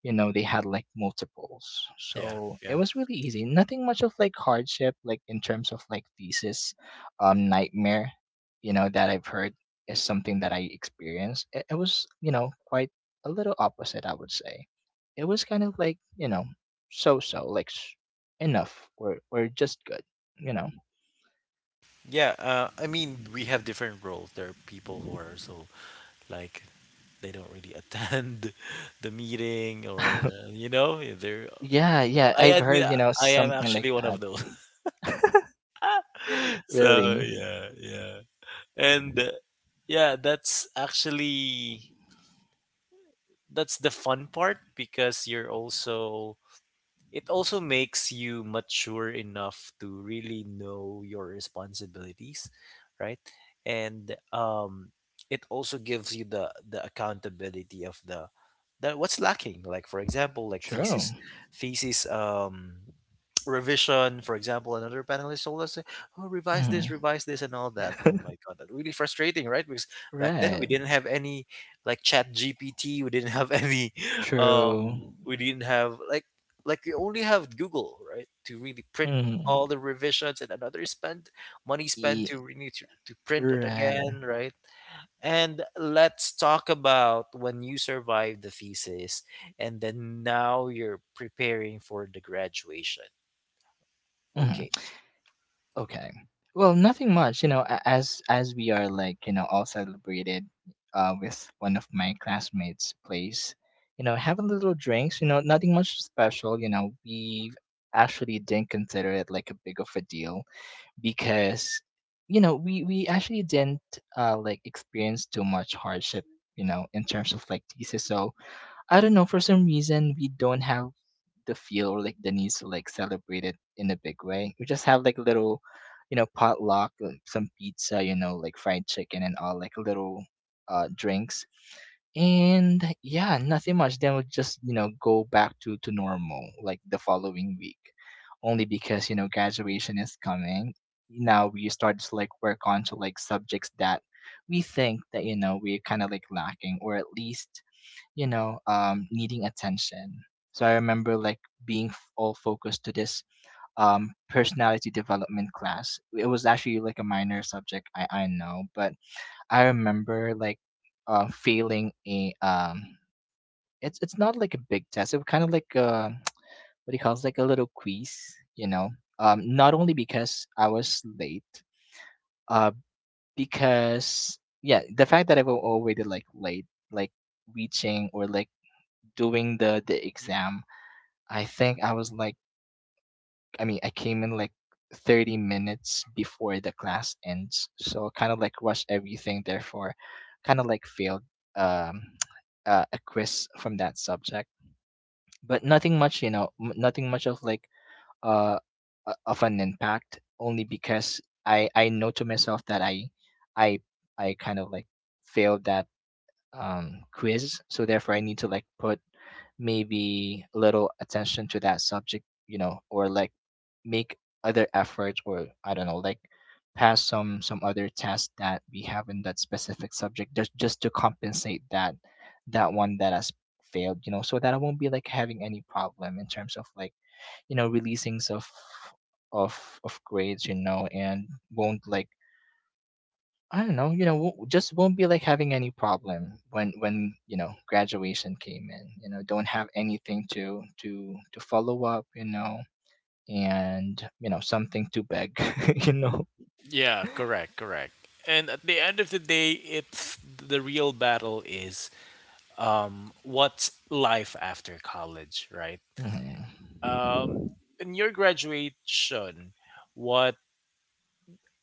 You know, they had like multiples, Yeah, so it yeah, was really easy. Nothing much of like hardship like in terms of like thesis. Nightmare, you know, that I've heard is something that I experienced. It was, you know, quite a little opposite, I would say. It was kind of like, you know, so like enough or just good you know. yeah. I mean, we have different roles. There are people who are so like they don't really attend the meeting, or uh, you know, they're. Yeah, yeah, I I've admit, heard, I you know, I am something like actually one that. of those. So Really? yeah, yeah, and yeah, that's actually that's the fun part because you're also it also makes you mature enough to really know your responsibilities, right? And um, it also gives you the accountability of the, that what's lacking, like for example, like True. thesis revision, for example, another panelist told us, oh, revise this, Hmm. revise this, and all that. Oh my god, that really frustrating, right? Because back then we Right. didn't have any like chat gpt we didn't have any True. we didn't have like you only have Google, right, to really print Hmm. all the revisions and another spend money spent to really to print it Right. again, right? And let's talk about when you survived the thesis and then now you're preparing for the graduation. Okay. Hmm. Okay. Well, nothing much, you know, as we are like, you know, all celebrated with one of my classmates' place, you know, having little drinks, you know, nothing much special, you know, we actually didn't consider it like a big of a deal because you know we actually didn't like experience too much hardship, you know, in terms of like thesis. So I don't know, for some reason we don't have the feel or like the needs to like celebrate it in a big way. We just have like little, you know, potluck, some pizza, you know, like fried chicken and all, like little drinks. And yeah, nothing much. Then we'll just, you know, go back to normal like the following week. Only because, you know, graduation is coming. Now we start to like work on to like subjects that we think that, you know, we're kind of like lacking, or at least you know, needing attention. So I remember like being all focused to this personality development class. It was actually like a minor subject, I know, but I remember like failing a it's not like a big test. It was kind of like a, what do you call it? It's like a little quiz, you know. Not only because I was late, uh, because yeah, the fact that I was already like late, like reaching or like doing the exam. I think I was like, I mean, I came in like 30 minutes before the class ends. So kind of like rushed everything, therefore, kind of like failed um, a quiz from that subject. But nothing much, you know, nothing much of like uh, of an impact, only because I know to myself that I, I kind of like failed that quiz. So therefore, I need to like put maybe a little attention to that subject, you know, or like make other efforts, or I don't know like pass some other test that we have in that specific subject, just to compensate that one that has failed, you know, so that I won't be like having any problem in terms of like, you know, releasings of of grades, you know, and won't like I don't know, you know, won't, just won't be like having any problem when you know graduation came in, you know, don't have anything to to follow up, you know, and you know something to beg, you know. Yeah, correct, correct. And at the end of the day, it's the real battle is what's life after college, right? Mhm. Um, in your graduation, what?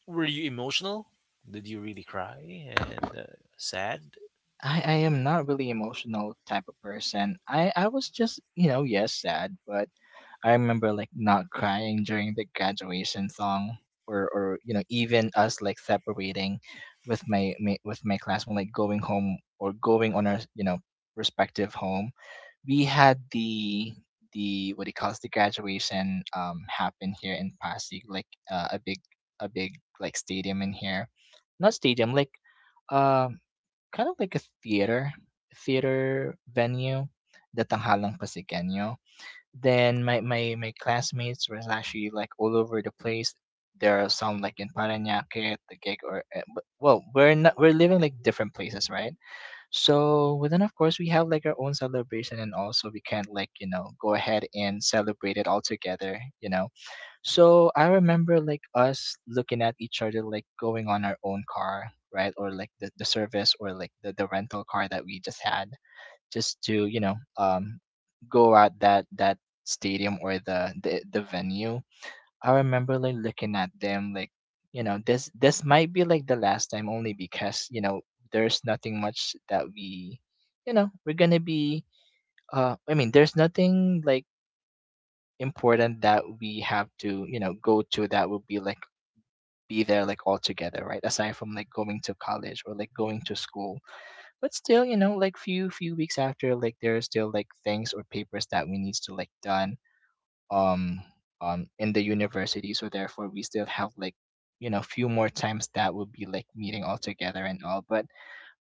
Were you emotional? Did you really cry and sad? I am not really emotional type of person. I was just, you know, yes, sad, but I remember like not crying during the graduation song or you know, even us like separating with my, my with my class when like going home or going on our, you know, respective home. We had the what do you call it, the graduation happen here in Pasig, like a big like stadium in here, not stadium, like um kind of like a theater venue, the Tanghalang Pasigueño. Then my classmates were actually like all over the place. There are some like in Parañaque, the or well, we're not, we're living like different places, right? So well, then of course we have like our own celebration, and also we can like, you know, go ahead and celebrate it all together, you know. So I remember like us looking at each other like going on our own car, right? Or like the service, or like the rental car that we just had just to, you know, go out that stadium or the venue. I remember like looking at them like, you know, this might be like the last time, only because, you know, there's nothing much that we you know, we're gonna be I mean, there's nothing like important that we have to, you know, go to that will be like be there like all together, right? Aside from like going to college or like going to school. But still, you know, like few weeks after, like there are still like things or papers that we needs to like done um in the university, so therefore we still have like, you know, few more times that would be like meeting all together and all. But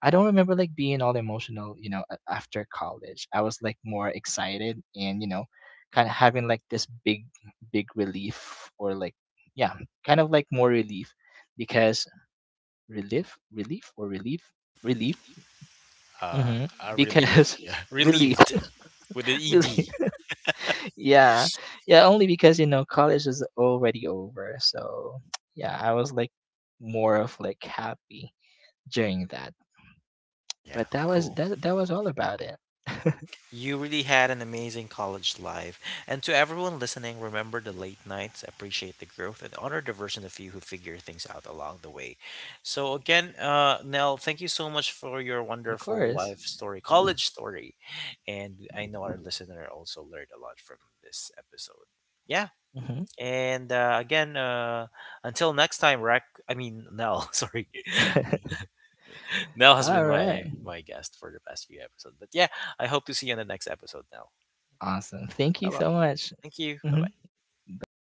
I don't remember like being all emotional, you know, after college I was like more excited, and you know, kind of having like this big relief, or like yeah, kind of like more relief because relief. relief Uh, hmm. Relief. Because Yeah, relief relieved with an ed. relief. Yeah, yeah, only because you know college is already over. So yeah, I was like more of like happy during that. Yeah, But that was cool. That was all about it. You really had an amazing college life. And to everyone listening, remember the late nights, appreciate the growth, and honor the version of you who figure things out along the way. So, again, Nell, thank you so much for your Of wonderful course. life story, college story. And I know our listener also learned a lot from this episode. Yeah, Mhm. and again, until next time, Rack. I mean, Nell. Sorry, Nell has All been right. my guest for the past few episodes. But yeah, I hope to see you on the next episode, Nell. Awesome, thank you Bye bye. so much. Thank you. Bye Hmm. bye. Bye.